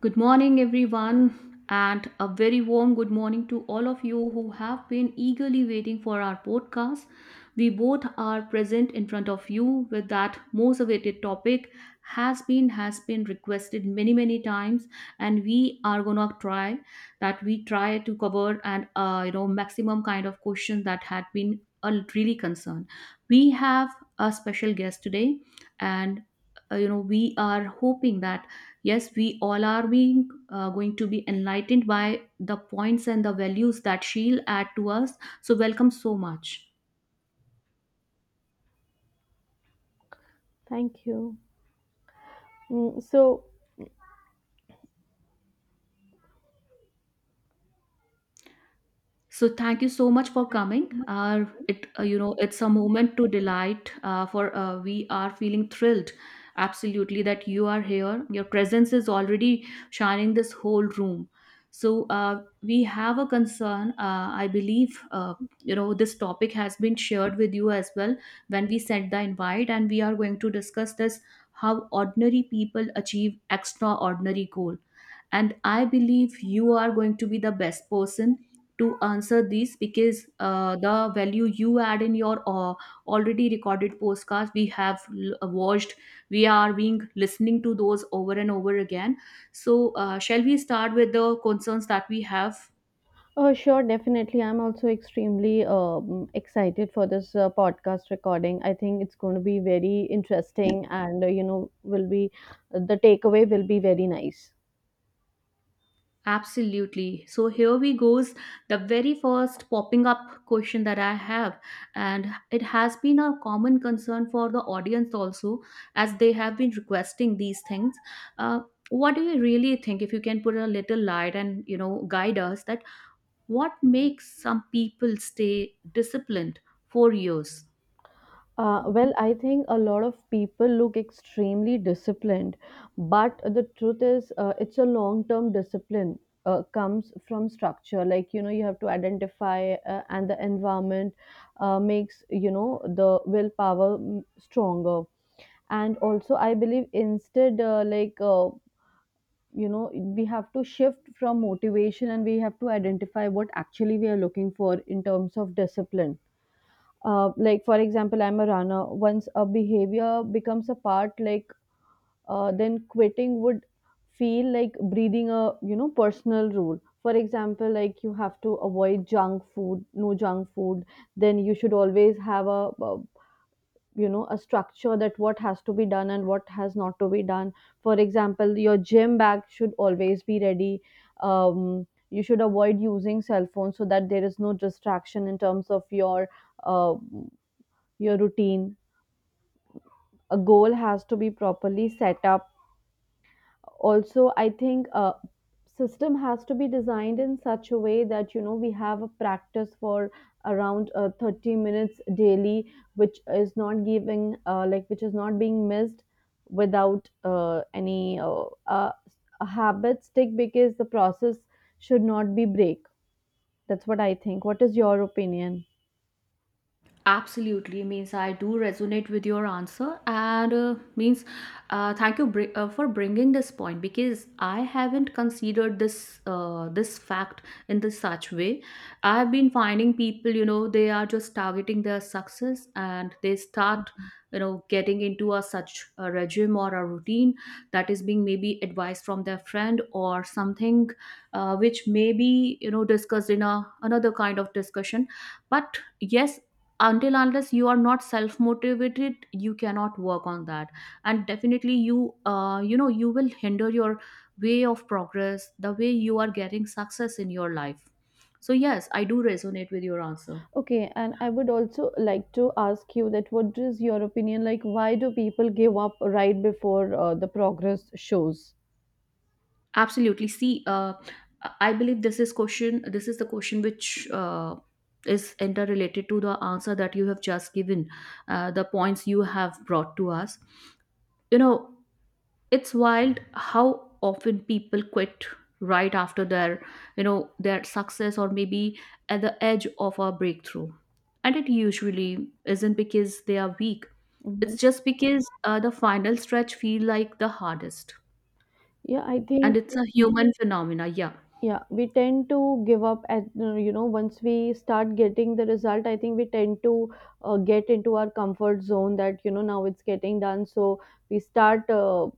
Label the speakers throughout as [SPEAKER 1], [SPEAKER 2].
[SPEAKER 1] Good morning, everyone, and a very warm good morning to all of you who have been eagerly waiting for our podcast. We both are present in front of you with that most awaited topic has been requested many times, and we are gonna try that we try to cover and maximum kind of question that had been a really concern. We have a special guest today, and we are hoping that yes, we all are being going to be enlightened by the points and the values that she'll add to us, so welcome so much.
[SPEAKER 2] Thank you. Mm, so,
[SPEAKER 1] So thank you so much for
[SPEAKER 2] Thank you so
[SPEAKER 1] coming.
[SPEAKER 2] much for coming.
[SPEAKER 1] It you know It's a moment to delight. For We are feeling thrilled, absolutely, that you are here. Your presence is already shining this whole room. So we have a concern. I believe this topic has been shared with you as well when we sent the invite, and we are going to discuss this: how ordinary people achieve extraordinary goal, and I believe you are going to be the best person to answer these because the value you add in your already recorded podcast we have watched. We are being listening to those over and over again. So shall we start with the concerns that we have?
[SPEAKER 2] Oh, sure, definitely. I'm also extremely excited for this podcast recording. I think it's going to be very interesting, and will be the takeaway will be very nice.
[SPEAKER 1] Absolutely. So here we goes the very first popping up question that I have, and it has been a common concern for the audience also, as they have been requesting these things. Uh, what do you really think if you can put a little light and guide us that what makes some people stay disciplined for years?
[SPEAKER 2] Well, I think a lot of people look extremely disciplined, but the truth is, it's a long term discipline. Comes from structure like you know you have to identify and the environment makes you know the willpower stronger. And also I believe instead you know, we have to shift from motivation and we have to identify what actually we are looking for in terms of discipline. Like for example, I'm a runner. Once a behavior becomes a part, like then quitting would feel like breathing, a you know personal rule. For example, like you have to avoid junk food, no junk food. Then you should always have a you know a structure that what has to be done and what has not to be done. For example, your gym bag should always be ready. You should avoid using cell phones so that there is no distraction in terms of uh, your routine. A goal has to be properly set up. Also, I think a system has to be designed in such a way that you know we have a practice for around 30 minutes daily, which is not giving like which is not being missed without any habit stick because the process should not be break. That's what I think. What is your opinion?
[SPEAKER 1] Absolutely, means I do resonate with your answer, and means thank you for bringing this point, because I haven't considered this this fact in this such way. I've been finding people, you know, they are just targeting their success and they start, you know, getting into a such a regime or a routine that is being maybe advised from their friend or something, which may be, you know, discussed in a another kind of discussion. But yes, until unless you are not self motivated, you cannot work on that, and definitely you you know you will hinder your way of progress, the way you are getting success in your life. So yes, I do resonate with your answer.
[SPEAKER 2] Okay, and I would also like to ask you that what is your opinion, like why do people give up right before the progress shows?
[SPEAKER 1] Absolutely, see, I believe this is the question which is interrelated to the answer that you have just given, the points you have brought to us. You know, it's wild how often people quit right after their, you know, their success, or maybe at the edge of a breakthrough. And it usually isn't because they are weak. It's
[SPEAKER 2] Hmm.
[SPEAKER 1] just because the final stretch feel like the hardest,
[SPEAKER 2] Yeah, I
[SPEAKER 1] and
[SPEAKER 2] think
[SPEAKER 1] it's a human phenomena, yeah.
[SPEAKER 2] yeah, we tend to give up at you know once we start getting the result, I think we tend to get into our comfort zone that you know now it's getting done, so we start uh,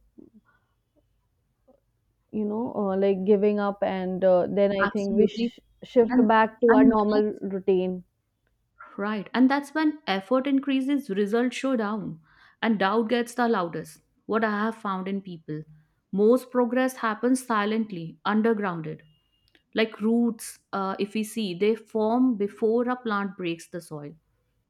[SPEAKER 2] you know uh, like giving up and then I think we
[SPEAKER 1] Absolutely.
[SPEAKER 2] sh shift
[SPEAKER 1] and
[SPEAKER 2] back to our
[SPEAKER 1] and
[SPEAKER 2] normal routine.
[SPEAKER 1] right. And that's when effort increases, results show down, and doubt gets the loudest. What I have found in people, most progress happens silently, undergrounded. Like roots, if we see, they form before a plant breaks the soil.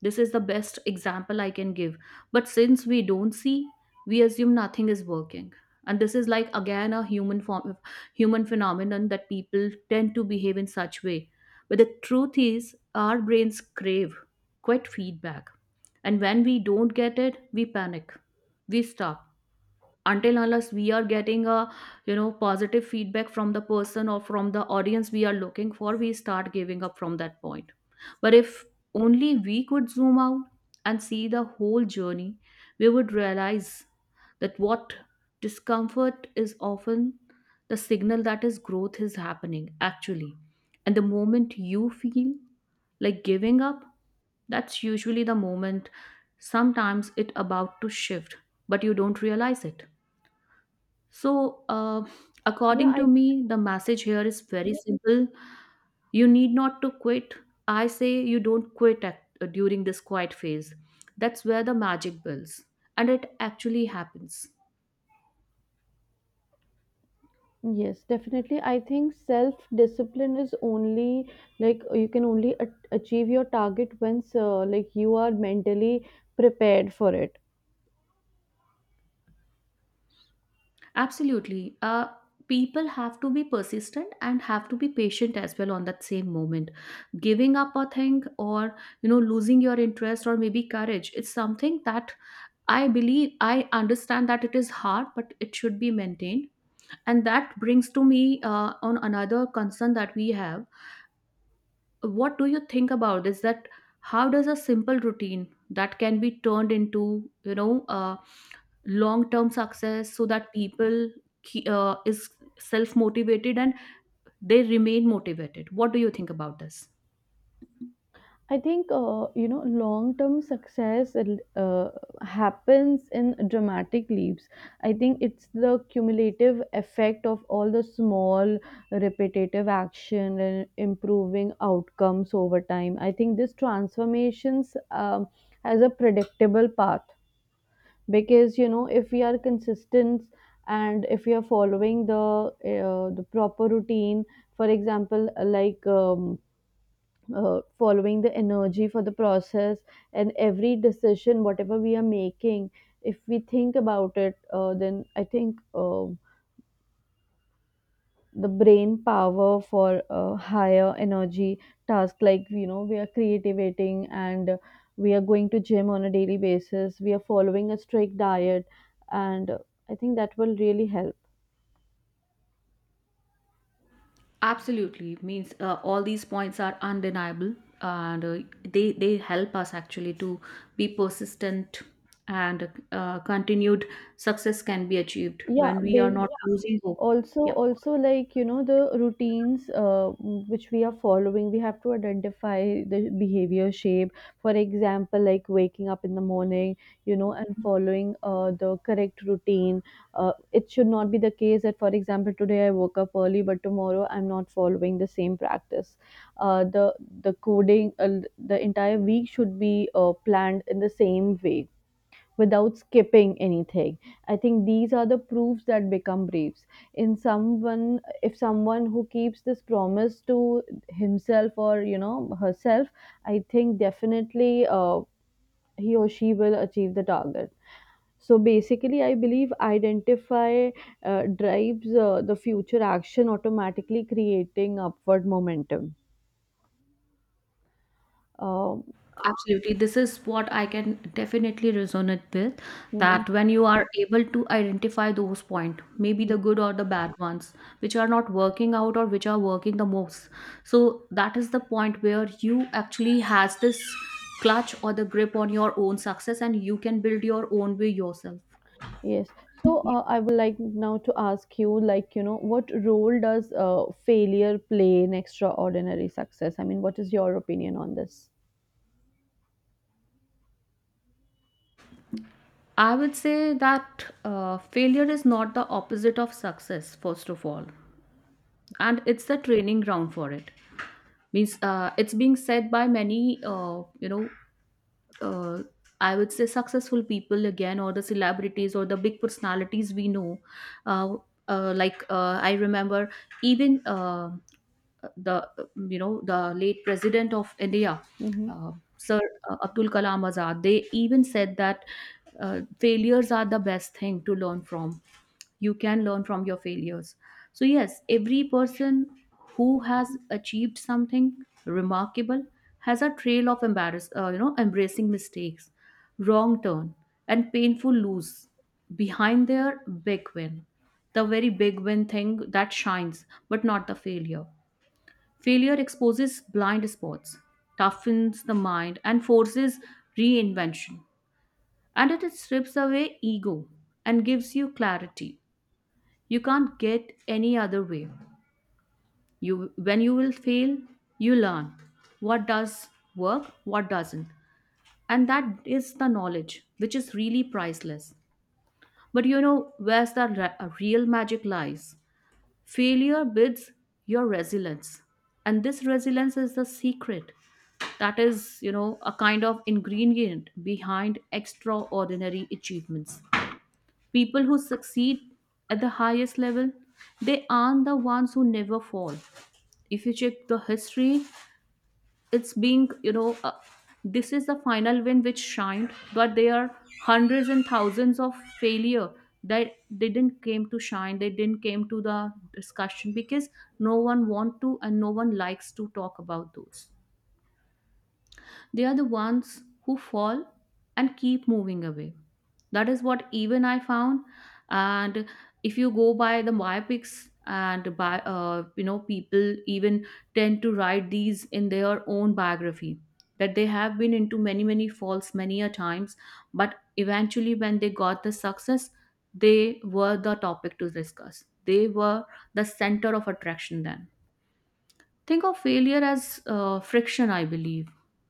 [SPEAKER 1] This is the best example I can give. But since we don't see, we assume nothing is working. And this is like again a human form, human phenomenon that people tend to behave in such way. But the truth is, our brains crave quite feedback, and when we don't get it, we panic, we stop, until unless we are getting a, you know, positive feedback from the person or from the audience we are looking for, we start giving up from that point. But if only we could zoom out and see the whole journey, we would realize that what discomfort is often the signal that is growth is happening actually. And the moment you feel like giving up, that's usually the moment sometimes it about to shift, but you don't realize it. So,
[SPEAKER 2] Yeah,
[SPEAKER 1] according to
[SPEAKER 2] I.
[SPEAKER 1] me, the message here is very simple. You need not to quit. I say you don't quit at, during this quiet phase. That's where the magic builds, and it actually happens.
[SPEAKER 2] Yes, definitely. I think self discipline is only like you can only achieve your target once like you are mentally prepared for it.
[SPEAKER 1] Absolutely. People have to be persistent and have to be patient as well on that same moment. Giving up a thing or, you know, losing your interest or maybe courage, it's something that I believe I understand that it is hard, but it should be maintained. And that brings to me on another concern that we have. What do you think about this? That how does a simple routine that can be turned into, you know, long term success so that people is self motivated and they remain motivated? What do you think about this?
[SPEAKER 2] I think you know long term success happens in dramatic leaps. I think it's the cumulative effect of all the small repetitive action and improving outcomes over time. I think this transformations has a predictable path because you know if we are consistent and if we are following the the proper routine. For example following the energy for the process, and every decision whatever we are making, if we think about it then I think the brain power for a higher energy task, like you know we are creativating, and we are going to gym on a daily basis, we are following a strict diet, and I think that will really help.
[SPEAKER 1] Absolutely. Means all these points are undeniable, and they help us actually to be persistent, and continued success can be achieved
[SPEAKER 2] yeah
[SPEAKER 1] when we are
[SPEAKER 2] ba-
[SPEAKER 1] not losing hope.
[SPEAKER 2] Also,
[SPEAKER 1] Yep.
[SPEAKER 2] like you know the routines which we are following, we have to identify the behavior shape. For example, like waking up in the morning, you know, and following the correct routine. Uh, it should not be the case that for example today I woke up early but tomorrow I'm not following the same practice. Uh, the the coding the entire week should be planned in the same way without skipping anything. I think these are the proofs that become braves. In someone, if someone who keeps this promise to himself or you know herself, I think definitely he or she will achieve the target. So basically, I believe identify drives the future action, automatically creating upward momentum. Um,
[SPEAKER 1] Absolutely. This is what I can definitely resonate with,
[SPEAKER 2] mhm.
[SPEAKER 1] that when you are able to identify those points, maybe the good or the bad ones, which are not working out or which are working the most. So that is the point where you actually has this clutch or the grip on your own success, and you can build your own way yourself.
[SPEAKER 2] Yes. So I would like now to ask you, like, you know, what role does failure play in extraordinary success? I mean, what is your opinion on this?
[SPEAKER 1] I would say that failure is not the opposite of success, first of all, and it's the training ground for it. Means it's being said by many uh, I would say successful people again, or the celebrities or the big personalities we know, uh, I remember even the you know, the late president of India,
[SPEAKER 2] Hmm.
[SPEAKER 1] uh, sir, Abdul Kalam Azad, they even said that uh, failures are the best thing to learn from. You can learn from your failures. So yes, every person who has achieved something remarkable has a trail of embarrass you know, embracing mistakes, wrong turn, and painful lose behind their big win, the very big win thing that shines, but not the failure. Failure exposes blind spots, toughens the mind, and forces reinvention. And it strips away ego and gives you clarity. You can't get any other way. You, when you will fail, you learn what does work, what doesn't. And that is the knowledge, which is really priceless. But you know, where's the real magic lies? Failure bids your resilience. And this resilience is the secret that is, you know, a kind of ingredient behind extraordinary achievements. People who succeed at the highest level, they aren't the ones who never fall. If you check the history, it's being, you know, this is the final win which shined, but there are hundreds and thousands of failure that they didn't came to shine, they didn't came to the discussion because no one want to and no one likes to talk about those. They are the ones who fall and keep moving away. That is what even I found. And if you go by the biopics and by people even tend to write these in their own biography, that they have been into many falls many a times, but eventually when they got the success, they were the topic to discuss, they were the center of attraction then. Think of failure as friction, I believe.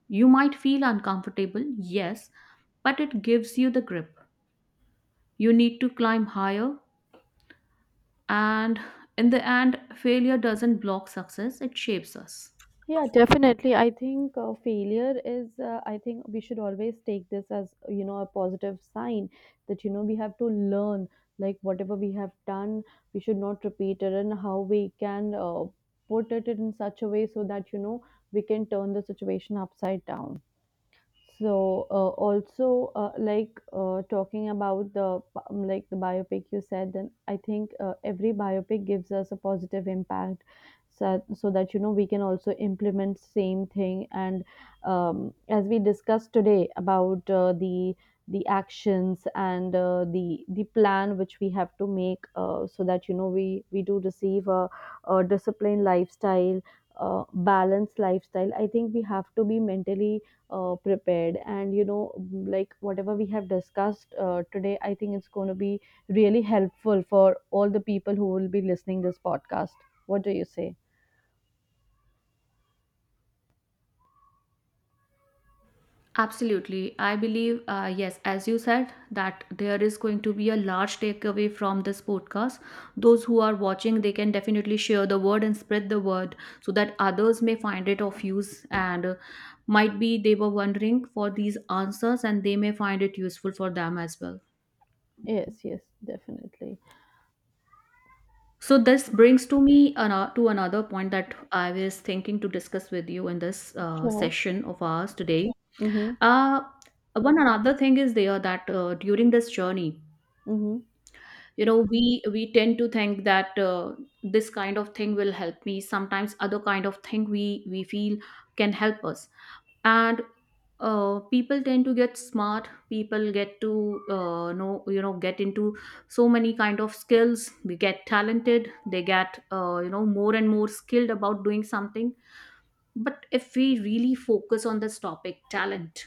[SPEAKER 1] You might feel uncomfortable, yes, but it gives you the grip. You need to climb higher, and in the end, failure doesn't block success, it shapes us.
[SPEAKER 2] Yeah, definitely. I think failure is, I think we should always take this as, you know, a positive sign that, you know, we have to learn, like, whatever we have done, we should not repeat it and how we can put it in such a way so that, you know, we can turn the situation upside down. So also like talking about the like the biopic you said, then I think every biopic gives us a positive impact, so so that you know we can also implement same thing. And as we discussed today about the actions and the plan which we have to make so that you know we do receive a disciplined lifestyle, balanced lifestyle. I think we have to be mentally prepared and you know like whatever we have discussed today I think it's going to be really helpful for all the people who will be listening this podcast. What do you say?
[SPEAKER 1] Absolutely. I believe, yes, as you said, that there is going to be a large takeaway from this podcast. Those who are watching, they can definitely share the word and spread the word so that others may find it of use, and might be they were wondering for these answers, and they may find it useful for them as well.
[SPEAKER 2] Yes, yes, definitely.
[SPEAKER 1] So this brings to me to another point that I was thinking to discuss with you in this
[SPEAKER 2] Sure.
[SPEAKER 1] session of ours today.
[SPEAKER 2] Mm-hmm.
[SPEAKER 1] Uh, One another thing is there that during this journey,
[SPEAKER 2] Mm-hmm.
[SPEAKER 1] you know, we tend to think that this kind of thing will help me, sometimes other kind of thing we feel can help us. And people tend to get smart, people get to know you know get into so many kind of skills, we get talented, they get, you know, more and more skilled about doing something. But if we really focus on this topic, talent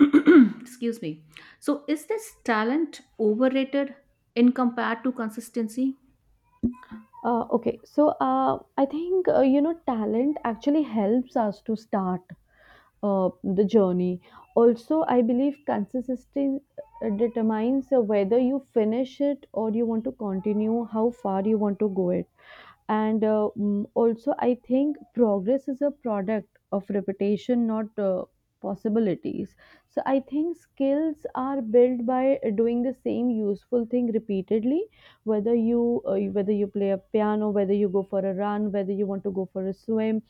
[SPEAKER 1] excuse me, so is this talent overrated in compared to consistency?
[SPEAKER 2] Okay, so I think you know talent actually helps us to start uh, the journey. Also I believe consistency determines whether you finish it or you want to continue how far you want to go it. And also I think progress is a product of repetition, not possibilities. So I think skills are built by doing the same useful thing repeatedly, whether you play a piano, whether you go for a run, whether you want to go for a swim.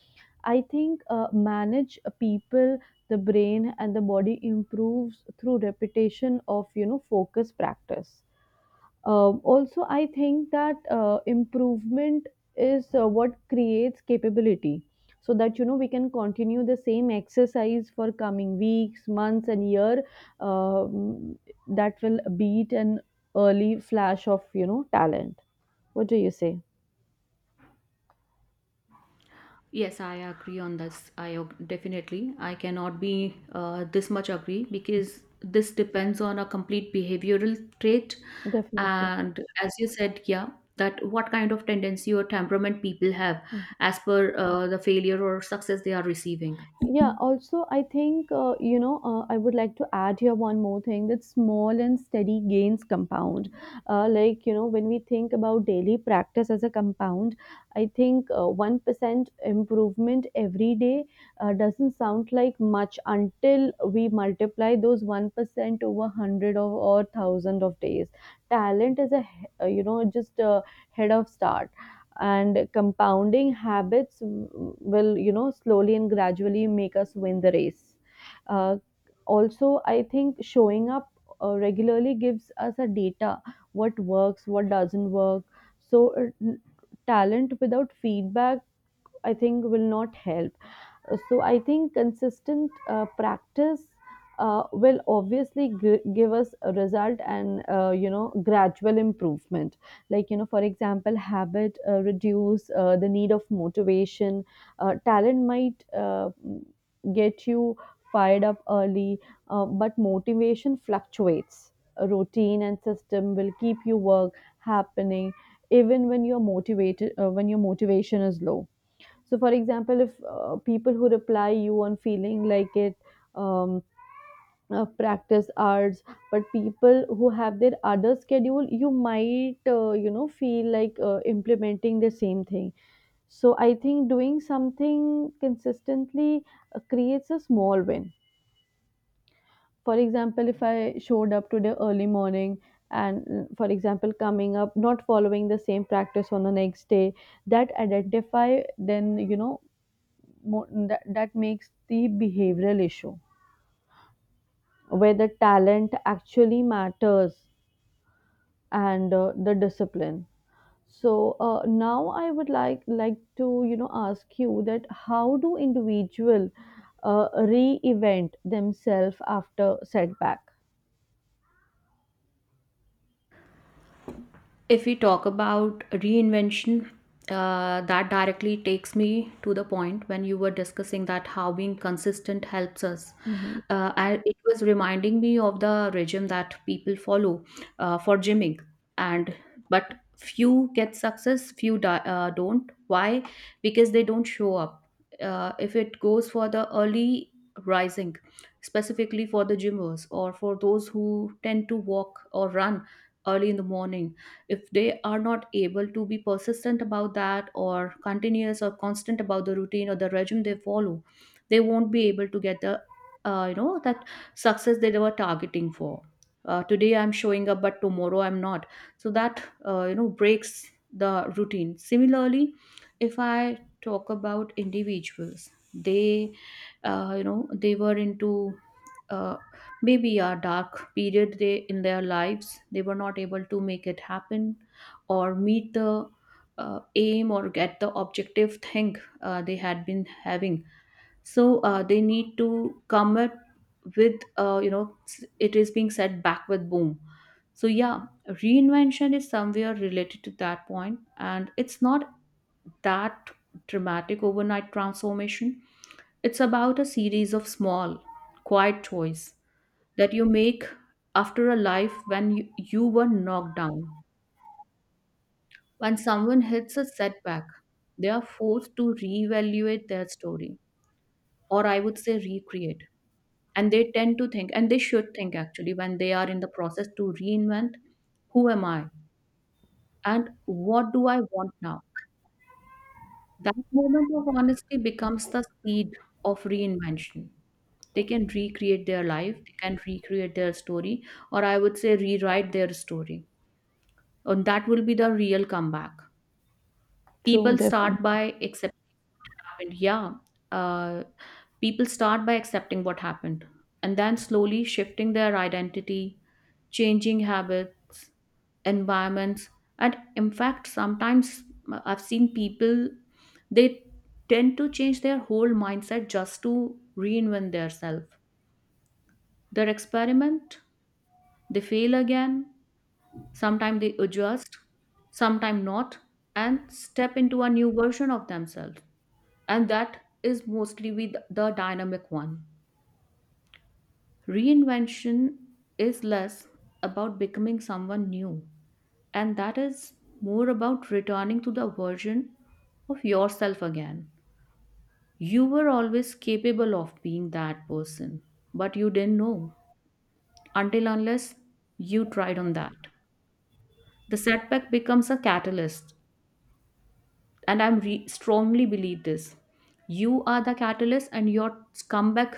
[SPEAKER 2] I think manage people, the brain and the body improves through repetition of you know focus practice. Um, also, I think that improvement is what creates capability, so that you know we can continue the same exercise for coming weeks, months and year. Um, that will beat an early flash of you know talent. What do you say?
[SPEAKER 1] Yes, I agree on this. Definitely I cannot be this much agree because this depends on a complete behavioral trait,
[SPEAKER 2] Definitely.
[SPEAKER 1] and as you said, yeah, that what kind of tendency or temperament people have
[SPEAKER 2] Mm-hmm.
[SPEAKER 1] as per the failure or success they are receiving.
[SPEAKER 2] Yeah, also, I think, you know, I would like to add here one more thing that small and steady gains compound. Like, you know, when we think about daily practice as a compound, I think 1% improvement every day doesn't sound like much until we multiply those 1% over 100 of, or 1,000 of days. Talent is a, you know, just a head of start, and compounding habits will you know slowly and gradually make us win the race. uh, Also I think showing up regularly gives us a data, what works, what doesn't work. So talent without feedback, I think, will not help. So I think consistent practice will obviously give us a result and you know gradual improvement. Like you know, for example, habit reduce the need of motivation. Uh, talent might get you fired up early, but motivation fluctuates. A routine and system will keep you work happening even when your motivated when your motivation is low. So, for example, if people who reply you on feeling like it, um, practice arts, but people who have their other schedule, you might, you know, feel like implementing the same thing. So, I think doing something consistently creates a small win. For example, if I showed up today early morning and, mm, for example, coming up, not following the same practice on the next day, that identify then you know that, that makes the behavioral issue where the talent actually matters and the discipline. So now I would like to you know ask you that how do individual re-event themselves after setback?
[SPEAKER 1] If we talk about reinvention, that directly takes me to the point when you were discussing that how being consistent helps us.
[SPEAKER 2] Mhm.
[SPEAKER 1] It was reminding me of the regime that people follow for gymming, and but few get success, don't. Why? Because they don't show up. If it goes for the early rising, specifically for the gymmers or for those who tend to walk or run early in the morning, if they are not able to be persistent about that or continuous or constant about the routine or the regime they follow, they won't be able to get the that success they were targeting for. Uh, today I'm showing up but tomorrow I'm not, so that breaks the routine. Similarly, if I talk about individuals, they they were into uh, maybe a dark period they in their lives, they were not able to make it happen or meet the aim or get the objective thing they had been having. So they need to come up with it is being set back with boom. So yeah, reinvention is somewhere related to that point, and it's not that dramatic overnight transformation. It's about a series of small quiet choice that you make after a life when you were knocked down. When someone hits a setback, they are forced to reevaluate their story, or I would say recreate. And they tend to think, and they should think actually, when they are in the process to reinvent, who am I and what do I want now? That moment of honesty becomes the seed of reinvention. They can recreate their life, they can recreate their story, or I would say rewrite their story, and that will be the real comeback.
[SPEAKER 2] True,
[SPEAKER 1] People
[SPEAKER 2] definitely.
[SPEAKER 1] start by accepting what happened, yeah. uh, People start by accepting what happened, and then slowly shifting their identity, changing habits, environments. And in fact sometimes I've seen people, they tend to change their whole mindset just to reinvent their self. Their experiment, they fail again. Sometimes they adjust, sometimes not, and step into a new version of themselves. And that is mostly with the dynamic one. Reinvention is less about becoming someone new, and that is more about returning to the version of yourself again. You were always capable of being that person, but you didn't know until unless you tried on that. The setback becomes a catalyst, and strongly believe this, you are the catalyst and your comeback.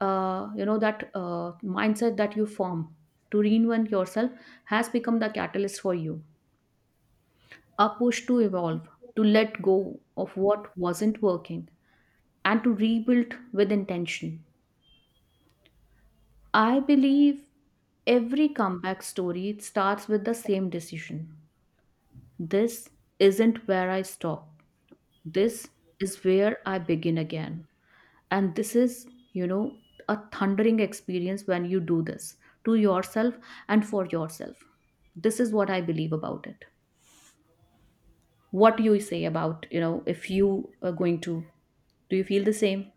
[SPEAKER 1] That mindset that you form to reinvent yourself has become the catalyst for you, a push to evolve, to let go of what wasn't working, and to rebuild with intention. I believe every comeback story starts with the same decision: this isn't where I stop, this is where I begin again. And this is, you know, a thundering experience when you do this to yourself and for yourself. This is what I believe about it. What do you say about, you know, if you are going to, do you feel the same?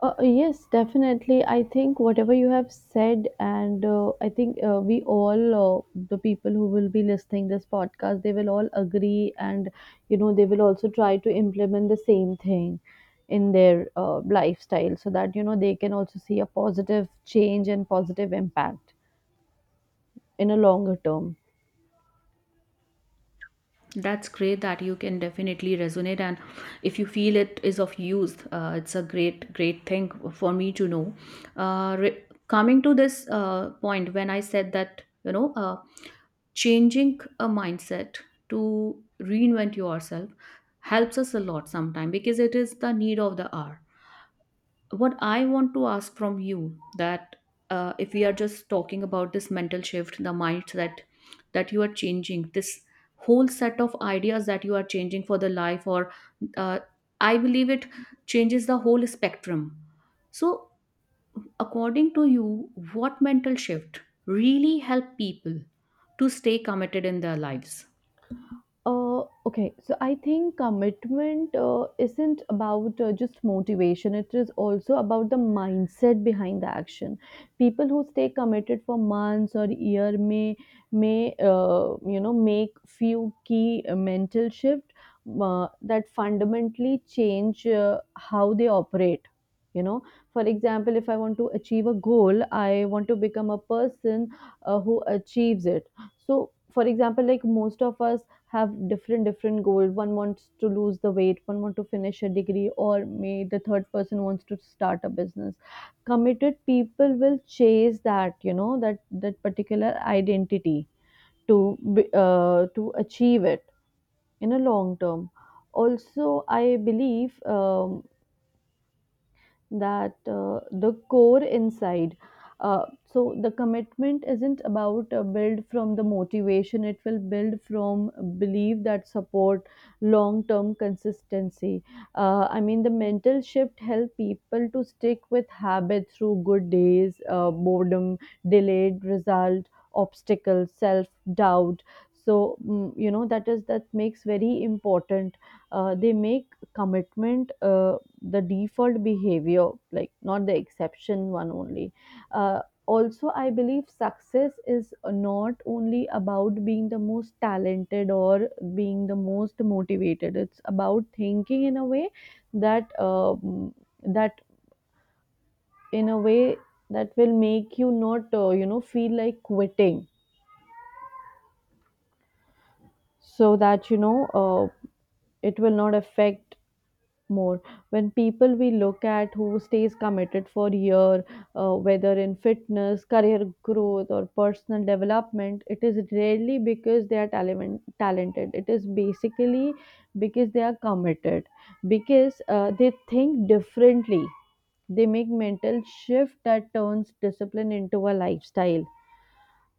[SPEAKER 2] Yes, definitely. I think whatever you have said, and I think we all, the people who will be listening this podcast, they will all agree, and you know they will also try to implement the same thing in their lifestyle, so that you know they can also see a positive change and positive impact in a longer term.
[SPEAKER 1] That's great that you can definitely resonate. And if you feel it is of use, it's a great great thing for me to know. Coming to this point when I said that you know changing a mindset to reinvent yourself helps us a lot sometimes because it is the need of the hour. What I want to ask from you that if we are just talking about this mental shift, the mindset that you are changing, this whole set of ideas that you are changing for the life, or uh, I believe it changes the whole spectrum. So according to you, what mental shift really help people to stay committed in their lives?
[SPEAKER 2] Okay, so I think commitment isn't about just motivation, it is also about the mindset behind the action. People who stay committed for months or year may you know make few key mental shift that fundamentally change how they operate. You know, for example, if I want to achieve a goal, I want to become a person who achieves it. So, for example, like most of us have different goals. One wants to lose the weight, one wants to finish a degree, or may the third person wants to start a business. Committed people will chase that that particular identity to achieve it in a long term. Also, I believe that the core inside, so the commitment isn't about build from the motivation, it will build from belief that support long term consistency. I mean the mental shift help people to stick with habit through good days, boredom, delayed result, obstacles, self doubt. So you know, that makes very important. They make commitment, the default behavior, like not the exception one only. uh, Also, I believe success is not only about being the most talented or being the most motivated, it's about thinking in a way that, that in a way that will make you not, feel like quitting. So that you know It will not affect more. When people, we look at who stays committed for year, whether in fitness, career growth, or personal development, it is rarely because they are talented, it is basically because they are committed, because they think differently. They make mental shift that turns discipline into a lifestyle.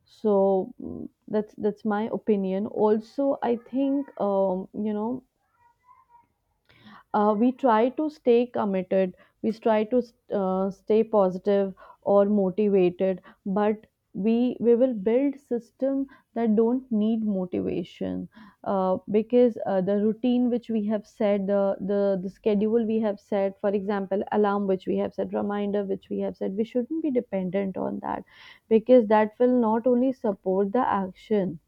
[SPEAKER 2] So that's my opinion. Also, I think we try to stay committed, we try to stay positive or motivated, but we will build system that don't need motivation, because the routine which we have set, the schedule we have set, for example alarm which we have set, reminder which we have set, we shouldn't be dependent on that, because that will not only support the action.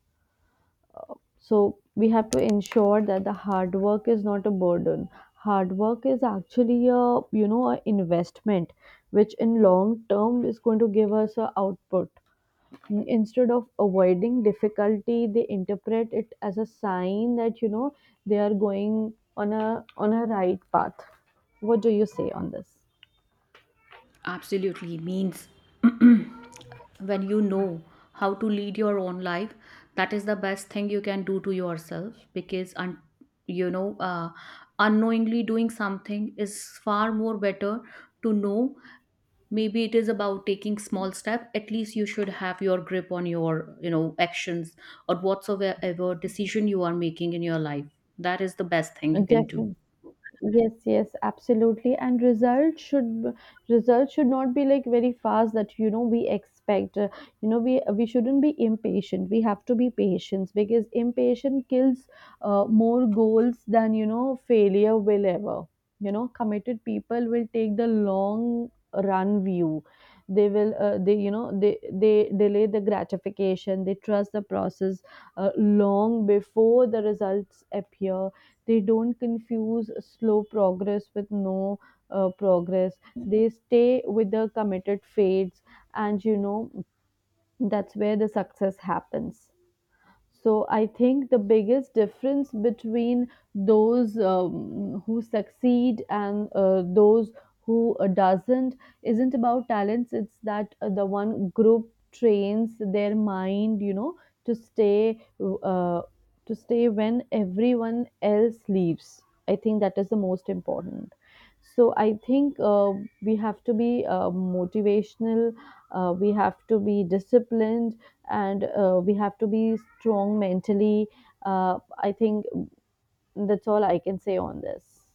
[SPEAKER 2] So we have to ensure that the hard work is not a burden. Hard work is actually a, a investment, which in long term is going to give us a output. Instead of avoiding difficulty, they interpret it as a sign that, they are going on a right path. What do you say on this?
[SPEAKER 1] Absolutely means when you know how to lead your own life, that is the best thing you can do to yourself, because you know uh, unknowingly doing something is far more better to know. Maybe it is about taking small step. At least you should have your grip on your, you know, actions or whatsoever decision you are making in your life. That is the best thing you can do.
[SPEAKER 2] Definitely. Yes, yes, absolutely. And results should not be like very fast that, we expect. You know, we shouldn't be impatient. We have to be patient because impatient kills more goals than, failure will ever. You know, committed people will take the long run view. They will they you know they delay the gratification. They trust the process long before the results appear. They don't confuse slow progress with no progress. They stay with the committed fades, and you know, that's where the success happens. So I think the biggest difference between those who succeed and those who doesn't isn't about talents. It's that the one group trains their mind, you know, to stay uh, when everyone else leaves. I think that is the most important. So I think we have to be motivational, we have to be disciplined, and we have to be strong mentally. I think that's all I can say on this.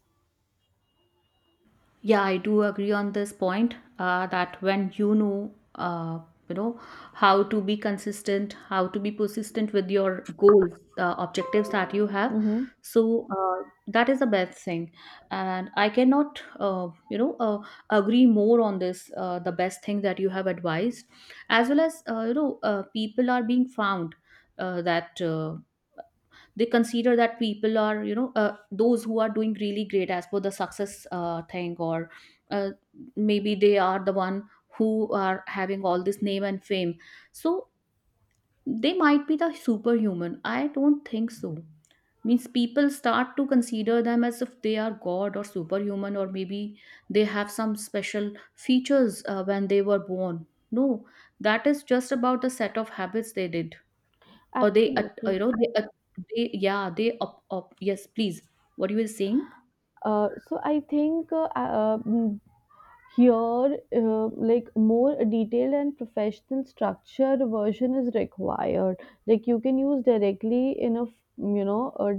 [SPEAKER 1] Yeah, I do agree on this point that when you know how to be consistent, how to be persistent with your goals, objectives that you have.
[SPEAKER 2] Mm-hmm.
[SPEAKER 1] So that is the best thing, and I cannot, agree more on this. The best thing that you have advised, as well as, people are being found that they consider that people are, you know, those who are doing really great as per the success thing, or uh, maybe they are the one who are having all this name and fame. So they might be the superhuman, I don't think so. Means people start to consider them as if they are god or superhuman, or maybe they have some special features when they were born. No, that is just about the set of habits they did, or they at you
[SPEAKER 2] Absolutely.
[SPEAKER 1] know they, at- they, yeah, they up up yes please, what you were saying.
[SPEAKER 2] So I think here, like more detailed and professional structured version is required. Like you can use directly in a a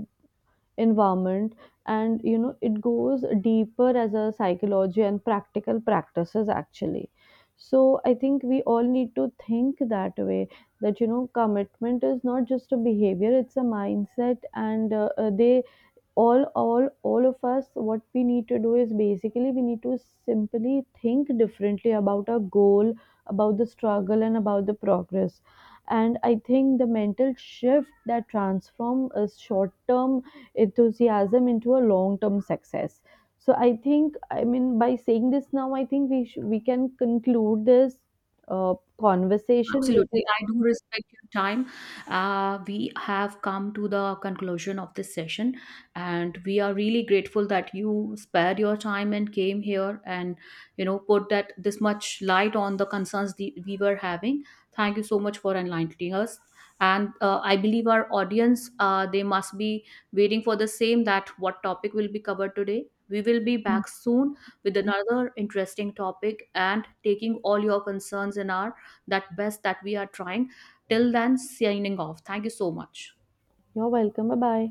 [SPEAKER 2] environment, and you know it goes deeper as a psychology and practical practices actually. So I think we all need to think that way, that you know commitment is not just a behavior, it's a mindset. And they, all of us, what we need to do is basically we need to simply think differently about our goal, about the struggle, and about the progress. And I think the mental shift that transform a short term enthusiasm into a long term success. So I think, I mean, by saying this, now I think we can conclude this uh, conversation,
[SPEAKER 1] Absolutely.
[SPEAKER 2] because
[SPEAKER 1] I do respect your time. We have come to the conclusion of this session, and we are really grateful that you spared your time and came here and you know put that this much light on the concerns the, we were having. Thank you so much for enlightening us. And I believe our audience, they must be waiting for the same that what topic will be covered today. We will be back soon with another interesting topic and taking all your concerns in our that best that we are trying. Till then, signing off, thank you so much.
[SPEAKER 2] you're welcome, bye bye.